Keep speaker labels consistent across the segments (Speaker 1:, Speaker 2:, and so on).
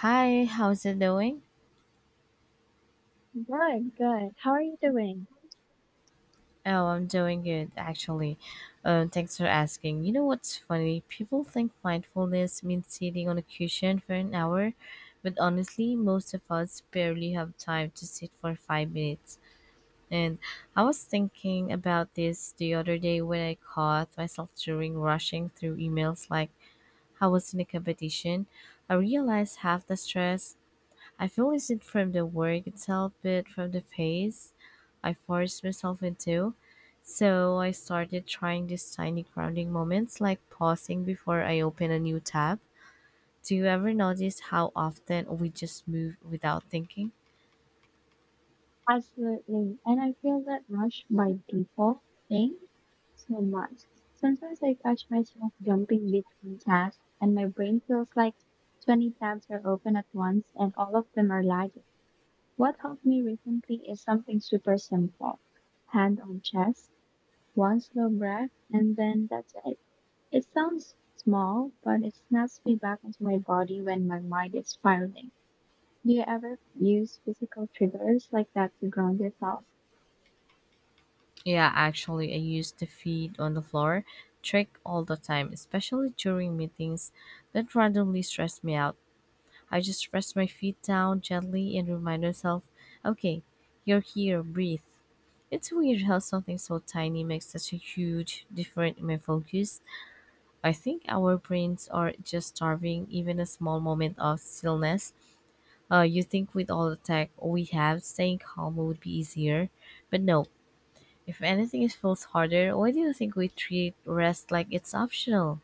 Speaker 1: Hi, how's it doing?
Speaker 2: Good, good. How are you doing?
Speaker 1: Oh, I'm doing good actually. Thanks for asking. You know what's funny? People think mindfulness means sitting on a cushion for an hour, but honestly, most of us barely have time to sit for 5 minutes. And I was thinking about this the other day when I caught myself during rushing through emails like I was in a competition. I realized half the stress I feel isn't from the work itself, but from the phase I forced myself into. So I started trying these tiny grounding moments, like pausing before I open a new tab. Do you ever notice how often we just move without thinking?
Speaker 2: Absolutely. And I feel that rush by default thing so much. Sometimes I catch myself jumping between tasks and my brain feels like 20 tabs are open at once and all of them are lagging. What helped me recently is something super simple. Hand on chest, one slow breath, and then that's it. It sounds small, but it snaps me back into my body when my mind is spiraling. Do you ever use physical triggers like that to ground yourself?
Speaker 1: Yeah, actually, I use the feet on the floor trick all the time, especially during meetings that randomly stress me out. I just press my feet down gently and remind myself, okay, you're here, breathe. It's weird how something so tiny makes such a huge difference in my focus. I think our brains are just starving even a small moment of stillness. You think with all the tech we have, staying calm would be easier. But no, if anything, it feels harder. Why do you think we treat rest like it's optional?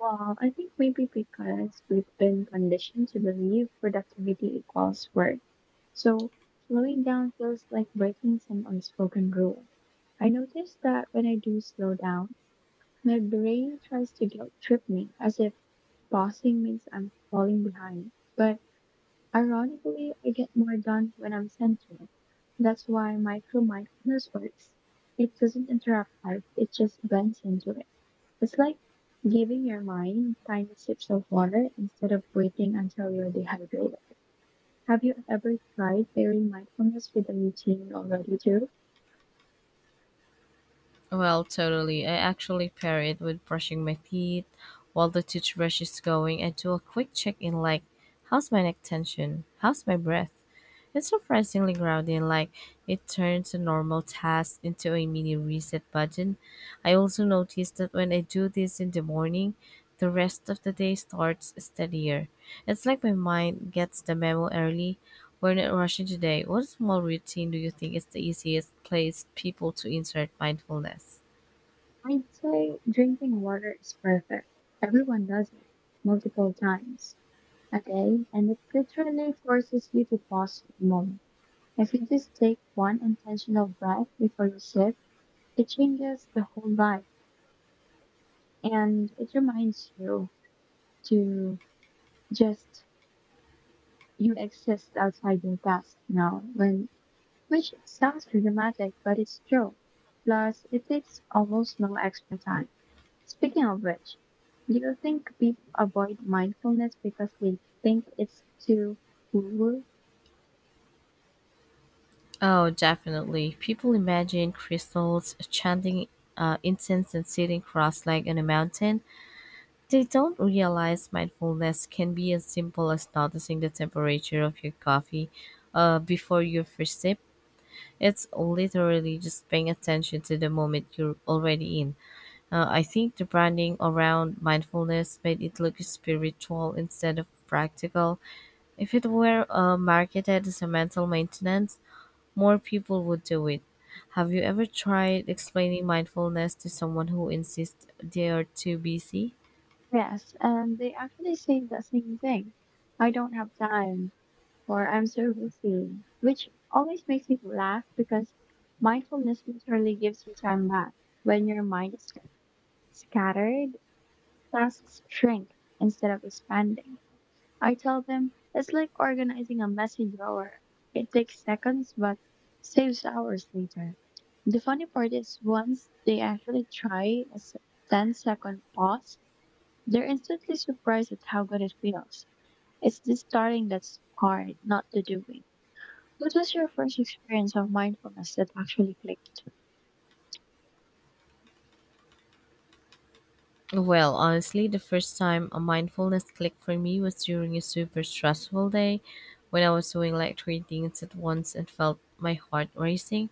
Speaker 2: Well, I think maybe because we've been conditioned to believe productivity equals work. So slowing down feels like breaking some unspoken rule. I notice that when I do slow down, my brain tries to guilt trip me as if pausing means I'm falling behind. But ironically, I get more done when I'm centering. That's why micro mindfulness works. It doesn't interrupt life, it just blends into it. It's like giving your mind tiny sips of water instead of waiting until you're dehydrated. Have you ever tried pairing mindfulness with a routine you already do?
Speaker 1: Well, totally. I actually pair it with brushing my teeth while the toothbrush is going. I do a quick check in, like, how's my neck tension? How's my breath? It's surprisingly grounding, like, it turns a normal task into a mini reset button. I also notice that when I do this in the morning, the rest of the day starts steadier. It's like my mind gets the memo early, we're not rushing today. What small routine do you think is the easiest place people to insert mindfulness?
Speaker 2: I'd say drinking water is perfect. Everyone does it multiple times a day, and it literally forces you to pause for a moment. If you just take one intentional breath before you sip, it changes the whole vibe and it reminds you to just you exist outside your task now when which sounds dramatic but it's true. Plus it takes almost no extra time. Speaking of which, do you think people avoid mindfulness because they think it's too cool?
Speaker 1: Oh, definitely. People imagine crystals, chanting incense, and sitting cross legged on a mountain. They don't realize mindfulness can be as simple as noticing the temperature of your coffee before your first sip. It's literally just paying attention to the moment you're already in. I think the branding around mindfulness made it look spiritual instead of practical. If it were marketed as a mental maintenance, more people would do it. Have you ever tried explaining mindfulness to someone who insists they are too busy?
Speaker 2: Yes, and they actually say the same thing. I don't have time or I'm so busy, which always makes me laugh because mindfulness literally gives you time back. When your mind is scattered, tasks shrink instead of expanding. I tell them it's like organizing a messy drawer. It takes seconds but saves hours later. The funny part is once they actually try a ten-second pause, they're instantly surprised at how good it feels. It's the starting that's hard, not the doing. What was your first experience of mindfulness that actually clicked?
Speaker 1: Well, honestly, the first time a mindfulness clicked for me was during a super stressful day when I was doing like three things at once and felt my heart racing.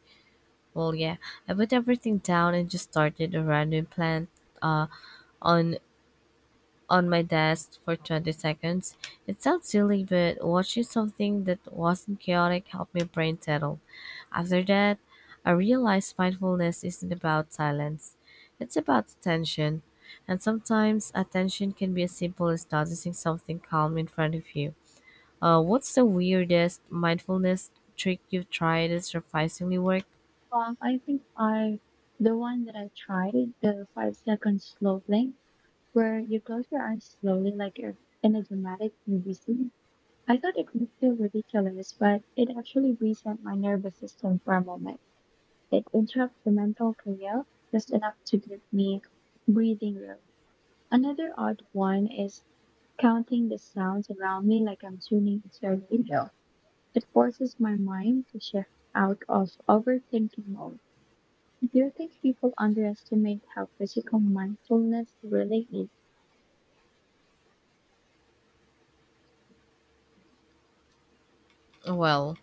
Speaker 1: Well, yeah, I put everything down and just started a random plant uh, on on my desk for 20 seconds. It sounds silly, but watching something that wasn't chaotic helped my brain settle. After that, I realized mindfulness isn't about silence, it's about attention. And sometimes attention can be as simple as noticing something calm in front of you. What's the weirdest mindfulness trick you've tried that surprisingly worked?
Speaker 2: Well, I think I the one that I tried, the 5-second slow blink, where you close your eyes slowly like you're in a dramatic movie scene. I thought it would feel ridiculous, but it actually reset my nervous system for a moment. It interrupted the mental chaos just enough to give me breathing room. Another odd one is counting the sounds around me like I'm tuning into a radio. It forces my mind to shift out of overthinking mode. Do you think people underestimate how physical mindfulness really is?
Speaker 1: Well,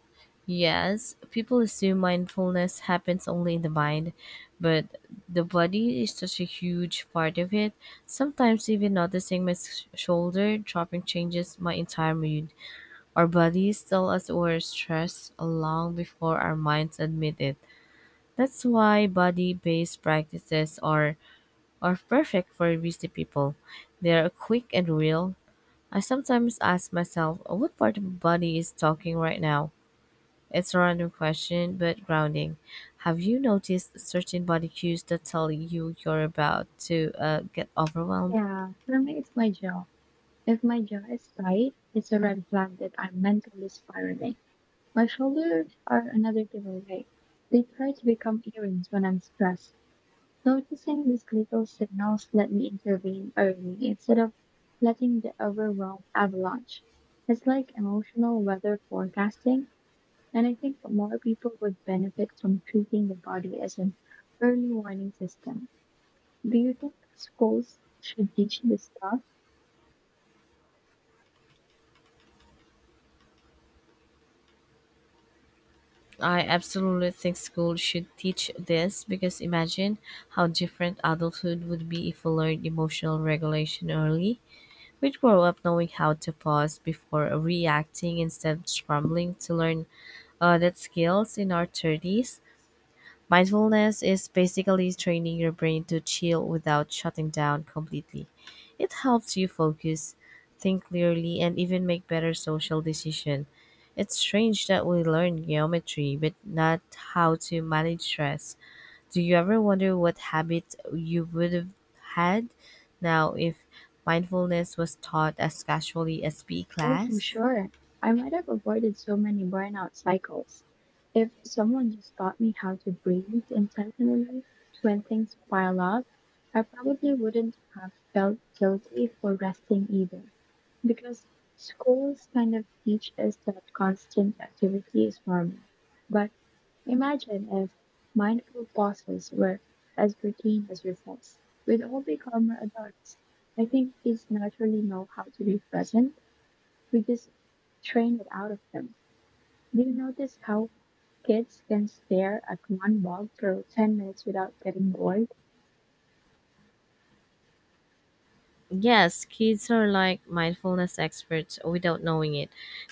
Speaker 1: yes, people assume mindfulness happens only in the mind, but the body is such a huge part of it. Sometimes, even noticing my shoulder dropping changes my entire mood. Our bodies tell us we're stressed long before our minds admit it. That's why body based practices are perfect for busy people. They are quick and real. I sometimes ask myself, what part of my body is talking right now? It's a random question, but grounding. Have you noticed certain body cues that tell you you're about to get overwhelmed?
Speaker 2: Yeah, for me, it's my jaw. If my jaw is tight, it's a red flag that I'm mentally spiraling. My shoulders are another giveaway. They try to become earrings when I'm stressed. Noticing these little signals let me intervene early instead of letting the overwhelm avalanche. It's like emotional weather forecasting. And I think more people would benefit from treating the body as an early warning system. Do you think schools should teach this stuff?
Speaker 1: I absolutely think school should teach this because imagine how different adulthood would be if we learned emotional regulation early. We'd grow up knowing how to pause before reacting instead of scrambling to learn that skills in our 30s. Mindfulness is basically training your brain to chill without shutting down completely. It helps you focus, think clearly, and even make better social decisions. It's strange that we learn geometry but not how to manage stress. Do you ever wonder what habits you would have had now if mindfulness was taught as casually as PE
Speaker 2: Oh, for
Speaker 1: class?
Speaker 2: sure. I might have avoided so many burnout cycles if someone just taught me how to breathe intentionally when things pile up. I probably wouldn't have felt guilty for resting either, because schools kind of teach us that constant activity is normal. But imagine if mindful pauses were as routine as recess. We'd all become adults. I think kids naturally know how to be present. We just train it out of them. Do you notice how kids can stare at one bulb for 10 minutes without getting bored?
Speaker 1: Yes, kids are like mindfulness experts without knowing it.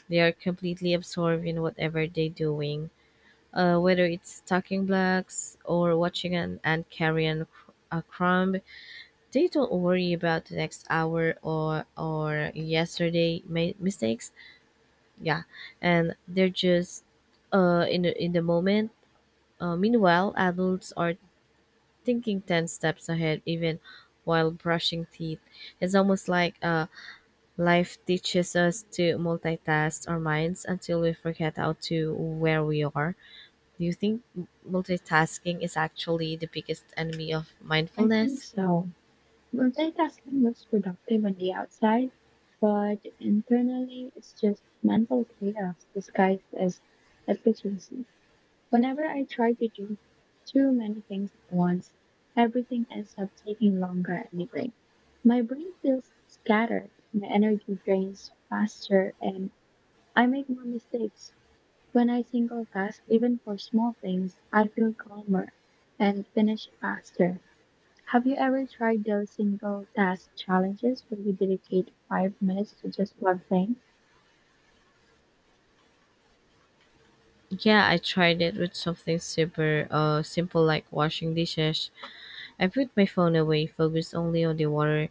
Speaker 1: They are completely absorbed in whatever they're doing, whether it's talking blocks or watching an ant carry a crumb. They don't worry about the next hour or yesterday mistakes. Yeah, and they're just in the moment. Meanwhile, adults are thinking 10 steps ahead, even while brushing teeth. It's almost like life teaches us to multitask our minds until we forget how to where we are. Do you think multitasking is actually the biggest enemy of
Speaker 2: I think
Speaker 1: mindfulness?
Speaker 2: so. Multitasking looks productive on the outside, but internally it's just mental chaos disguised as efficiency. Whenever I try to do too many things at once, everything ends up taking longer anyway. My brain feels scattered, my energy drains faster, and I make more mistakes. When I single task even for small things, I feel calmer and finish faster. Have you ever tried those single task challenges where you dedicate 5 minutes to just one thing?
Speaker 1: Yeah, I tried it with something super simple like washing dishes. I put my phone away, focused only on the water,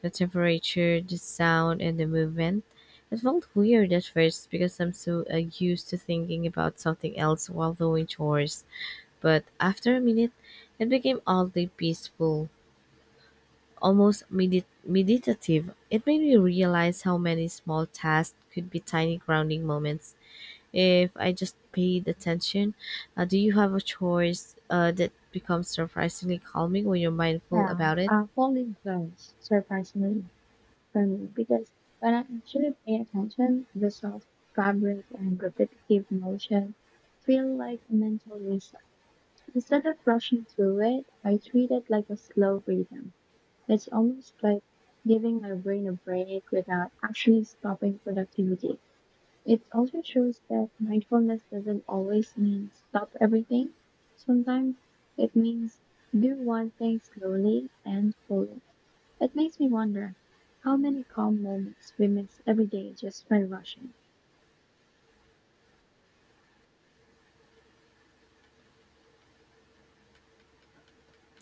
Speaker 1: the temperature, the sound and the movement. It felt weird at first because I'm so used to thinking about something else while doing chores. But after a minute, it became oddly peaceful, almost meditative. It made me realize how many small tasks could be tiny grounding moments if I just paid attention. Do you have a choice that becomes surprisingly calming when you're mindful
Speaker 2: Yeah,
Speaker 1: about it?
Speaker 2: folding clothes, surprisingly, for me, because when I actually pay attention, the soft fabric and repetitive motion feel like a mental reset. Instead of rushing through it, I treat it like a slow rhythm. It's almost like giving my brain a break without actually stopping productivity. It also shows that mindfulness doesn't always mean stop everything. Sometimes it means do one thing slowly and fully. It makes me wonder how many calm moments we miss every day just by rushing.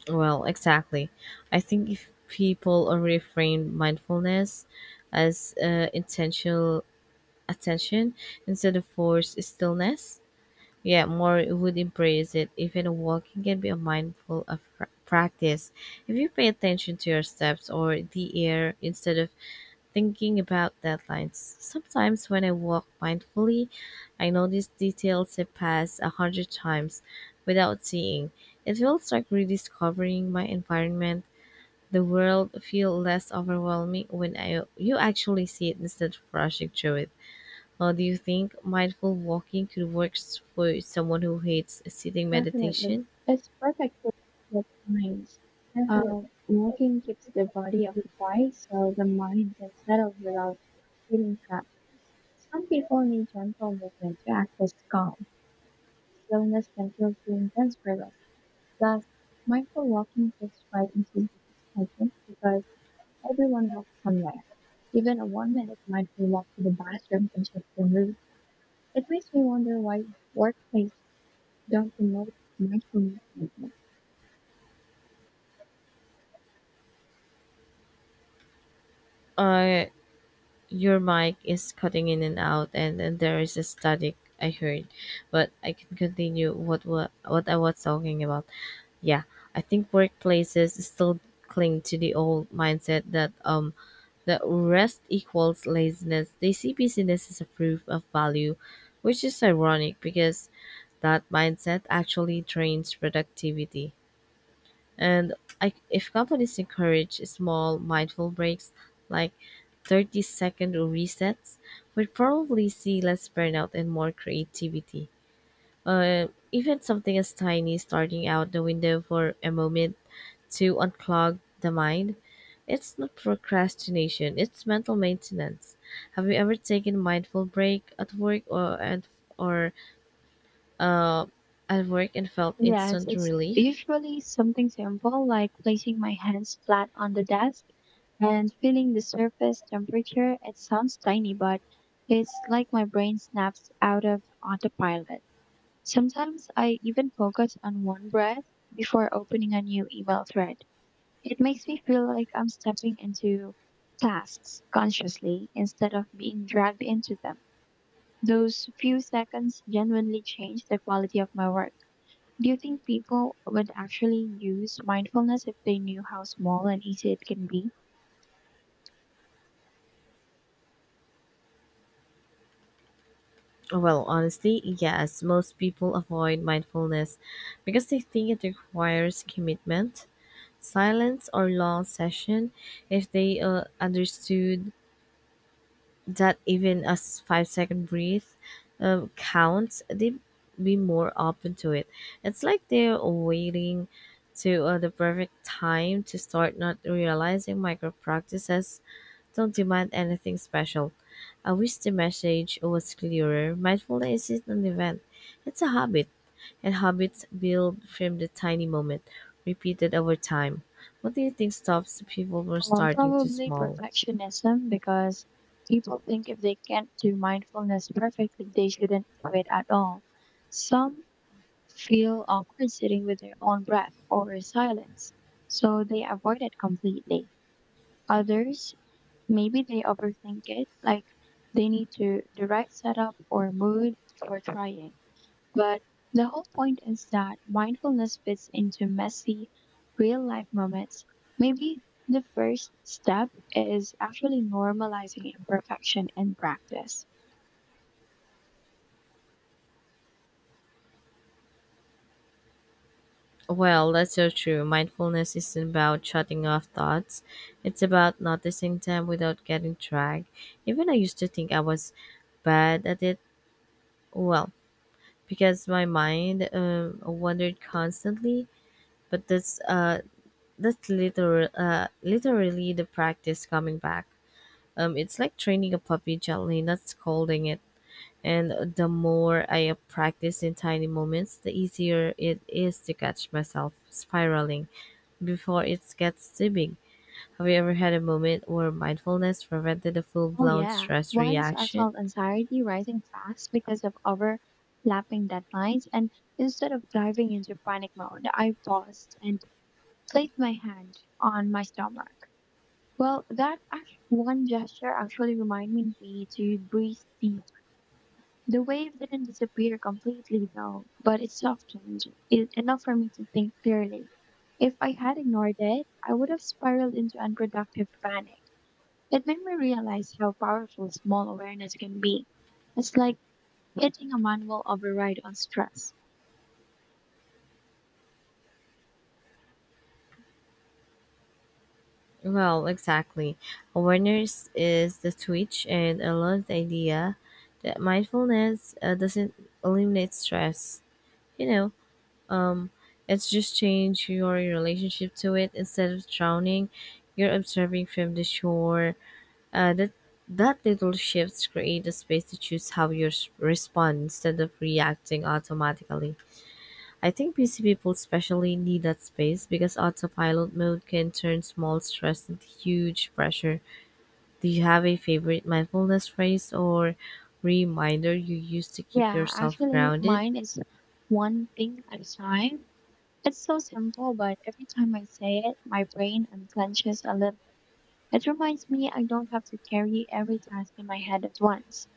Speaker 1: Well, exactly. I think if people already frame mindfulness as intentional attention instead of forced stillness, yeah, more would embrace it. Even walking can be a mindful of practice. If you pay attention to your steps or the air instead of thinking about deadlines. Sometimes when I walk mindfully, I notice details I pass 100 times without seeing. It feels like rediscovering my environment. The world feel less overwhelming when I you actually see it instead of rushing through it. Do you think mindful walking could work for someone who hates sitting
Speaker 2: Definitely,
Speaker 1: meditation?
Speaker 2: it's perfect for the minds. Uh, Walking keeps the body occupied so the mind can settle without feeling trapped. Some people need gentle movement to access calm. Slowness can feel too intense for them. Plus, mindful walking fits right into this schedule because everyone walks somewhere. Even a 1-minute mindful walk to the bathroom can shift your mood. It makes me wonder why workplaces don't promote mindful movement more.
Speaker 1: Uh, your mic is cutting in and out, and there is a static I heard, but I can continue what I was talking about. Yeah, I think workplaces still cling to the old mindset that rest equals laziness. They see busyness as a proof of value, which is ironic because that mindset actually drains productivity. And if companies encourage small, mindful breaks like 30-second resets, we'd probably see less burnout and more creativity. Even something as tiny starting out the window for a moment to unclog the mind, it's not procrastination, it's mental maintenance. Have you ever taken a mindful break at work or uh, at work and felt
Speaker 2: Yes,
Speaker 1: instant
Speaker 2: it's
Speaker 1: relief?
Speaker 2: usually something simple like placing my hands flat on the desk and feeling the surface temperature. It sounds tiny, but it's like my brain snaps out of autopilot. Sometimes I even focus on one breath before opening a new email thread. It makes me feel like I'm stepping into tasks consciously instead of being dragged into them. Those few seconds genuinely change the quality of my work. Do you think people would actually use mindfulness if they knew how small and easy it can be?
Speaker 1: Well, honestly, yes, most people avoid mindfulness because they think it requires commitment, silence, or long session. If they understood that even a 5 second breath counts, they'd be more open to it. It's like they're waiting to the perfect time to start, not realizing micro practices don't demand anything special. I wish the message was clearer. Mindfulness isn't an event, it's a habit. And habits build from the tiny moment, repeated over time. What do you think stops people from starting too
Speaker 2: Probably
Speaker 1: small?
Speaker 2: perfectionism because people think if they can't do mindfulness perfectly, they shouldn't do it at all. Some feel awkward sitting with their own breath or silence, so they avoid it completely. Others, maybe they overthink it, like they need to the right setup or mood for trying. But the whole point is that mindfulness fits into messy, real life moments. Maybe the first step is actually normalizing imperfection in practice.
Speaker 1: Well, that's so true. Mindfulness isn't about shutting off thoughts. It's about noticing them without getting dragged. Even I used to think I was bad at it. Well, because my mind wandered constantly. But that's literally the practice coming back. It's like training a puppy gently, not scolding it. And the more I practice in tiny moments, the easier it is to catch myself spiraling before it gets too big. Have you ever had a moment where mindfulness prevented a full
Speaker 2: Oh,
Speaker 1: blown
Speaker 2: yeah.
Speaker 1: stress
Speaker 2: Once I
Speaker 1: reaction?
Speaker 2: felt anxiety rising fast because of overlapping deadlines, and instead of diving into panic mode, I paused and placed my hand on my stomach. Well, that one gesture actually reminded me to breathe deep. The wave didn't disappear completely, though, but it softened it enough for me to think clearly. If I had ignored it, I would have spiraled into unproductive panic. It made me realize how powerful small awareness can be. It's like hitting a manual override on stress.
Speaker 1: Well, exactly. Awareness is the switch, and I love the idea that mindfulness doesn't eliminate stress. You know, Um, it's just change your relationship to it. Instead of drowning, you're observing from the shore. Uh, that that little shifts create a space to choose how you respond instead of reacting automatically. I think busy people especially need that space because autopilot mode can turn small stress into huge pressure. Do you have a favorite mindfulness phrase or reminder you use to keep
Speaker 2: Yeah,
Speaker 1: yourself
Speaker 2: actually,
Speaker 1: grounded?
Speaker 2: mine is one thing at a time. It's so simple, but every time I say it, my brain unclenches a little. It reminds me I don't have to carry every task in my head at once.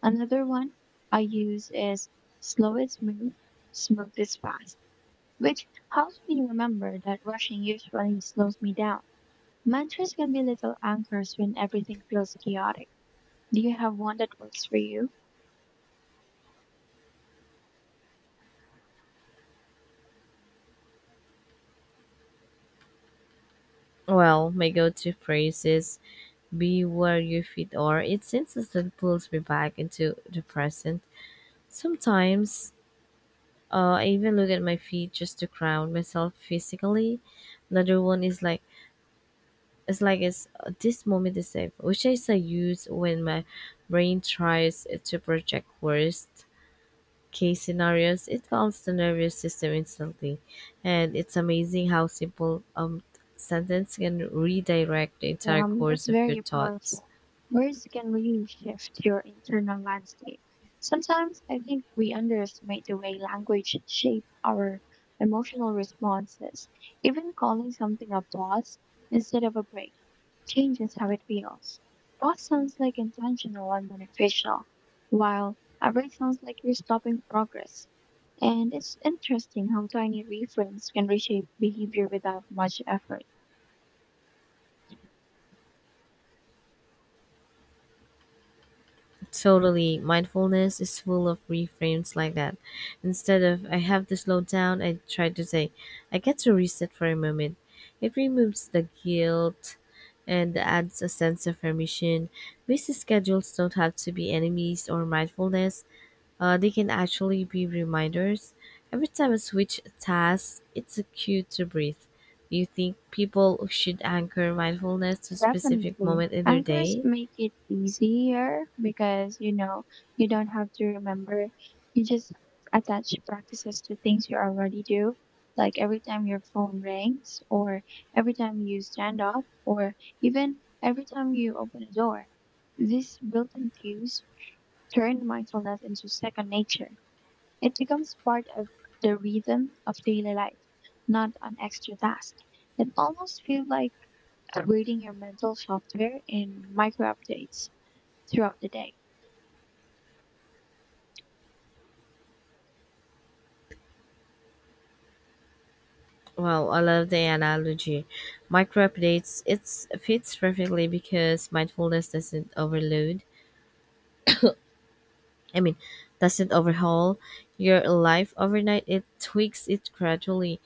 Speaker 2: Another one I use is slow is smooth, smooth is fast, which helps me remember that rushing usually slows me down. Mantras can be little anchors when everything feels chaotic. Do you have one that works for you?
Speaker 1: Well, my go-to phrase is be where you fit are. It instantly pulls me back into the present. Sometimes I even look at my feet just to ground myself physically. Another one is like it's this moment is safe, which is I use when my brain tries to project worst case scenarios, it calms the nervous system instantly. And it's amazing how simple sentence can redirect the entire course
Speaker 2: That's
Speaker 1: of your
Speaker 2: very
Speaker 1: thoughts.
Speaker 2: powerful. Words can really shift your internal landscape. Sometimes I think we underestimate the way language shape our emotional responses. Even calling something a pause instead of a break changes how it feels. Pause sounds like intentional and beneficial, while a break sounds like you're stopping progress. And it's interesting how tiny reframes can reshape behavior without much effort.
Speaker 1: Totally. Mindfulness is full of reframes like that. Instead of I have to slow down, I try to say I get to reset for a moment. It removes the guilt and adds a sense of permission. Busy schedules don't have to be enemies or mindfulness. They can actually be reminders. Every time I switch tasks, it's a cue to breathe. Do you think people should anchor mindfulness to a specific
Speaker 2: Definitely.
Speaker 1: moment in their
Speaker 2: Anchors
Speaker 1: day?
Speaker 2: make it easier because, you don't have to remember. You just attach practices to things you already do. Like every time your phone rings, or every time you stand up, or even every time you open a door. These built in cues turn mindfulness into second nature. It becomes part of the rhythm of daily life, not an extra task. It almost feels like upgrading your mental software in micro updates throughout the day.
Speaker 1: Well, I love the analogy. Micro updates, it fits perfectly because mindfulness doesn't overload. I mean, doesn't overhaul your life overnight. It tweaks it gradually.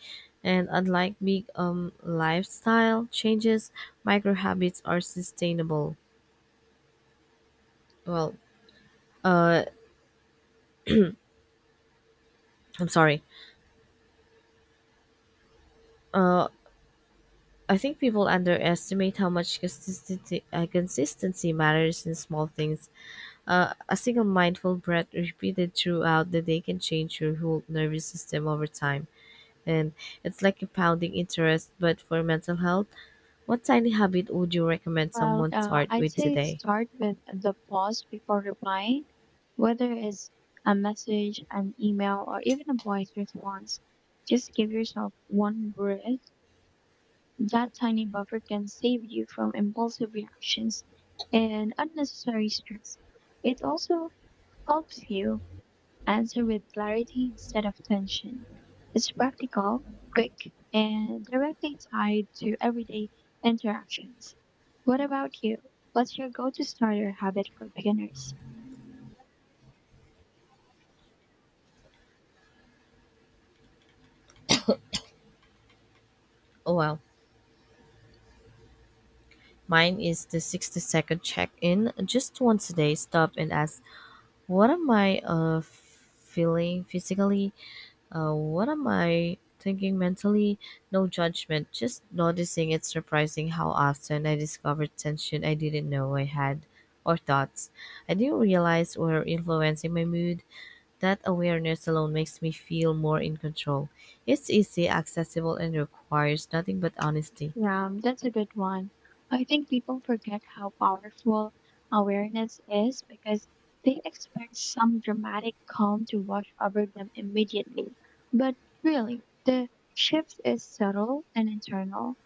Speaker 1: And unlike big lifestyle changes, micro habits are sustainable. Well, uh I'm sorry. I think people underestimate how much consistency matters in small things. A single mindful breath repeated throughout the day can change your whole nervous system over time. And it's like compounding interest, but for mental health, what tiny habit would you recommend
Speaker 2: Well,
Speaker 1: someone start
Speaker 2: I'd
Speaker 1: with
Speaker 2: say
Speaker 1: today?
Speaker 2: start with the pause before replying, whether it's a message, an email, or even a voice response. Just give yourself one breath. That tiny buffer can save you from impulsive reactions and unnecessary stress. It also helps you answer with clarity instead of tension. It's practical, quick, and directly tied to everyday interactions. What about you? What's your go to starter habit for beginners?
Speaker 1: Oh well, Mine is the 60-second check in. Just once a day, stop and ask, what am I feeling physically? What am I thinking mentally? No judgment, just noticing. It's surprising how often I discovered tension I didn't know I had, or thoughts I didn't realize were influencing my mood. That awareness alone makes me feel more in control. It's easy, accessible, and requires nothing but honesty.
Speaker 2: Yeah, that's a good one. I think people forget how powerful awareness is because they expect some dramatic calm to wash over them immediately. But really, the shift is subtle and internal.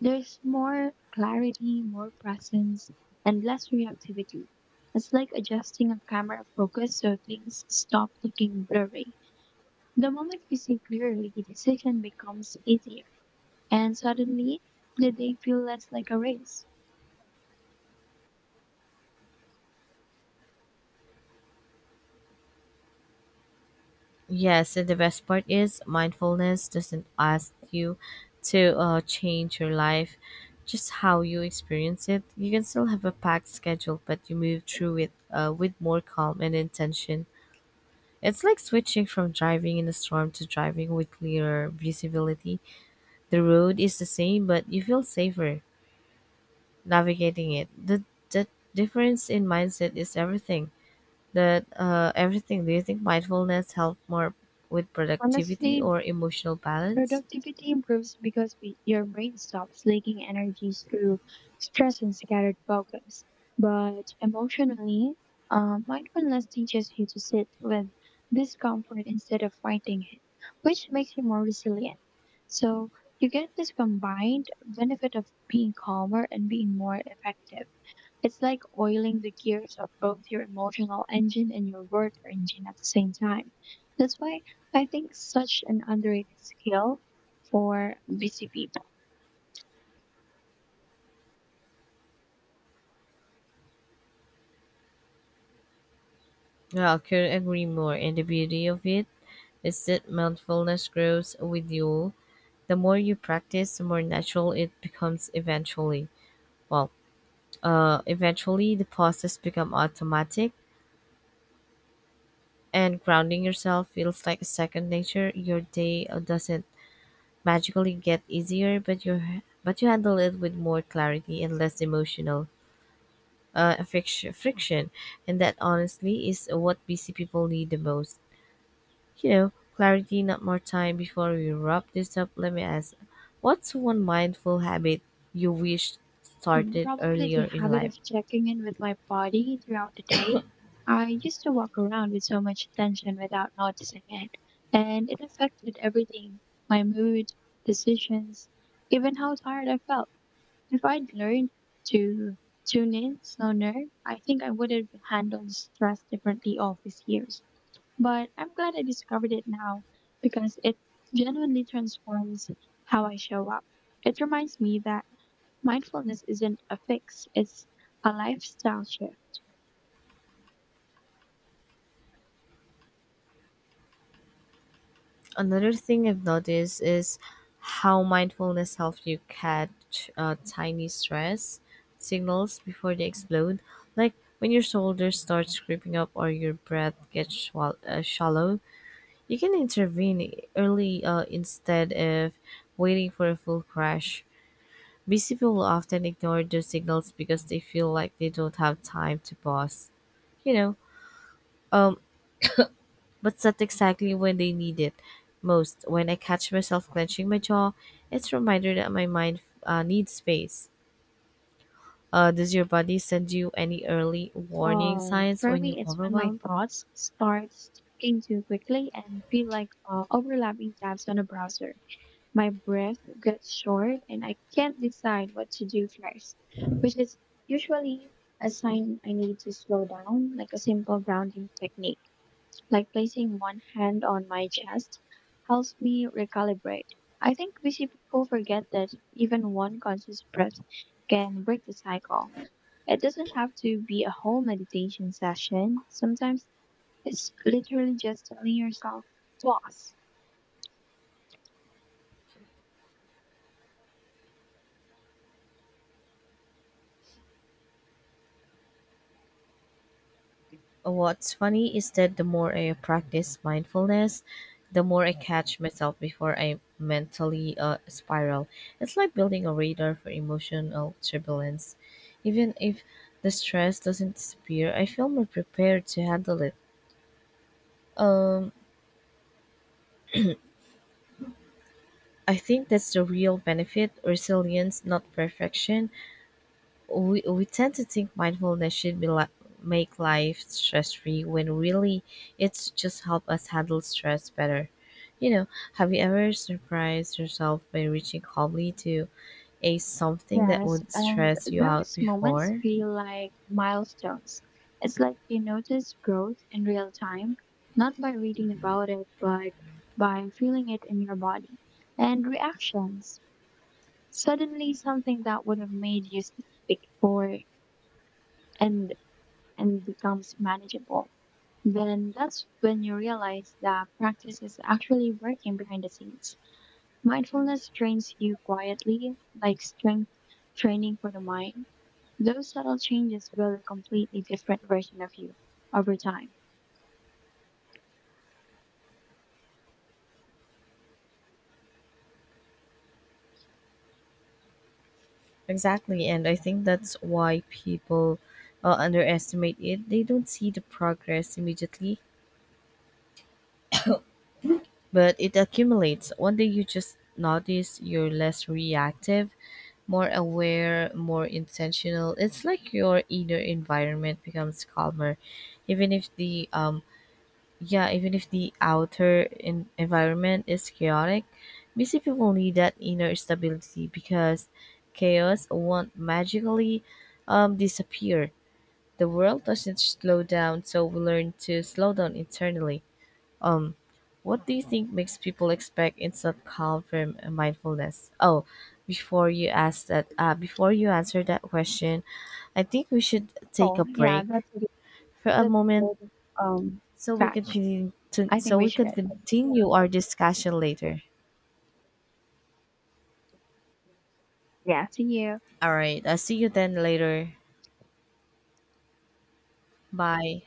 Speaker 2: There's more clarity, more presence, and less reactivity. It's like adjusting a camera focus so things stop looking blurry. The moment you see clearly, decision becomes easier and suddenly the day feels less like a race.
Speaker 1: Yes, and the best part is mindfulness doesn't ask you to change your life, just how you experience it. You can still have a packed schedule, but you move through it with more calm and intention. It's like switching from driving in a storm to driving with clearer visibility. The road is the same, but you feel safer navigating it. The difference in mindset is everything that everything. Do you think mindfulness help more with productivity
Speaker 2: Honestly,
Speaker 1: or emotional balance?
Speaker 2: productivity improves because your brain stops leaking energy through stress and scattered focus. But emotionally, mindfulness teaches you to sit with discomfort instead of fighting it, which makes you more resilient. So you get this combined benefit of being calmer and being more effective. It's like oiling the gears of both your emotional engine and your work engine at the same time. That's why I think such an underrated skill for busy people.
Speaker 1: Yeah, I could agree more. And the beauty of it is that mindfulness grows with you. The more you practice, the more natural it becomes eventually. Well, Eventually the process become automatic and grounding yourself feels like a second nature. Your day doesn't magically get easier, but you handle it with more clarity and less emotional friction, and that honestly is what busy people need the most. You know, clarity, not more time. Before we wrap this up, let me ask, what's one mindful habit you wish
Speaker 2: Hmm,
Speaker 1: started
Speaker 2: probably the
Speaker 1: earlier in
Speaker 2: habit
Speaker 1: life?
Speaker 2: of checking in with my body throughout the day. I used to walk around with so much tension without noticing it, and it affected everything my mood, decisions, even how tired I felt. If I'd learned to tune in sooner, I think I would have handled stress differently all these years. But I'm glad I discovered it now because it genuinely transforms how I show up. It reminds me that mindfulness isn't a fix, it's a lifestyle shift.
Speaker 1: Another thing I've noticed is how mindfulness helps you catch tiny stress signals before they explode. Like when your shoulders start creeping up or your breath gets shallow. You can intervene early instead of waiting for a full crash. Busy people often ignore those signals because they feel like they don't have time to pause. You know, um, but that's exactly when they need it most. When I catch myself clenching my jaw, it's a reminder that my mind needs space. Does your body send you any early warning signs
Speaker 2: For
Speaker 1: when you
Speaker 2: me, it's when my
Speaker 1: overwhelmed?
Speaker 2: thoughts start speaking too quickly and feel like overlapping tabs on a browser. My breath gets short and I can't decide what to do first, which is usually a sign I need to slow down, like a simple grounding technique, like placing one hand on my chest helps me recalibrate. I think busy people forget that even one conscious breath can break the cycle. It doesn't have to be a whole meditation session. Sometimes it's literally just telling yourself, pause.
Speaker 1: What's funny is that the more I practice mindfulness, the more I catch myself before I mentally spiral. It's like building a radar for emotional turbulence. Even if the stress doesn't disappear, I feel more prepared to handle it. Um, I think that's the real benefit resilience, not perfection. We tend to think mindfulness should be make life stress free when really it's just help us handle stress better. You know, have you ever surprised yourself by reaching calmly to a something that
Speaker 2: Yes,
Speaker 1: would
Speaker 2: and
Speaker 1: stress you out
Speaker 2: those moments
Speaker 1: before?
Speaker 2: feel like milestones. It's like you notice growth in real time, not by reading about it, but by feeling it in your body. And reactions. Suddenly something that would have made you sick before and and becomes manageable. Then that's when you realize that practice is actually working behind the scenes. Mindfulness trains you quietly, like strength training for the mind. Those subtle changes build a completely different version of you over time.
Speaker 1: Exactly, and I think that's why people underestimate it. They don't see the progress immediately, but it accumulates. One day you just notice you're less reactive, more aware, more intentional. It's like your inner environment becomes calmer, even if even if the outer environment is chaotic. Busy people need that inner stability because chaos won't magically disappear. The world doesn't slow down, so we learn to slow down internally. What do you think makes people expect instant calm from mindfulness? Oh, before you ask that, before you answer that question, I think we should take a
Speaker 2: Oh, yeah,
Speaker 1: break
Speaker 2: that's a good,
Speaker 1: for a
Speaker 2: that's a
Speaker 1: moment
Speaker 2: good um,
Speaker 1: so we can
Speaker 2: catch.
Speaker 1: continue
Speaker 2: I think
Speaker 1: so
Speaker 2: we
Speaker 1: we can
Speaker 2: should.
Speaker 1: continue our discussion later.
Speaker 2: Yeah, see you.
Speaker 1: All right, I'll see you then later. Bye.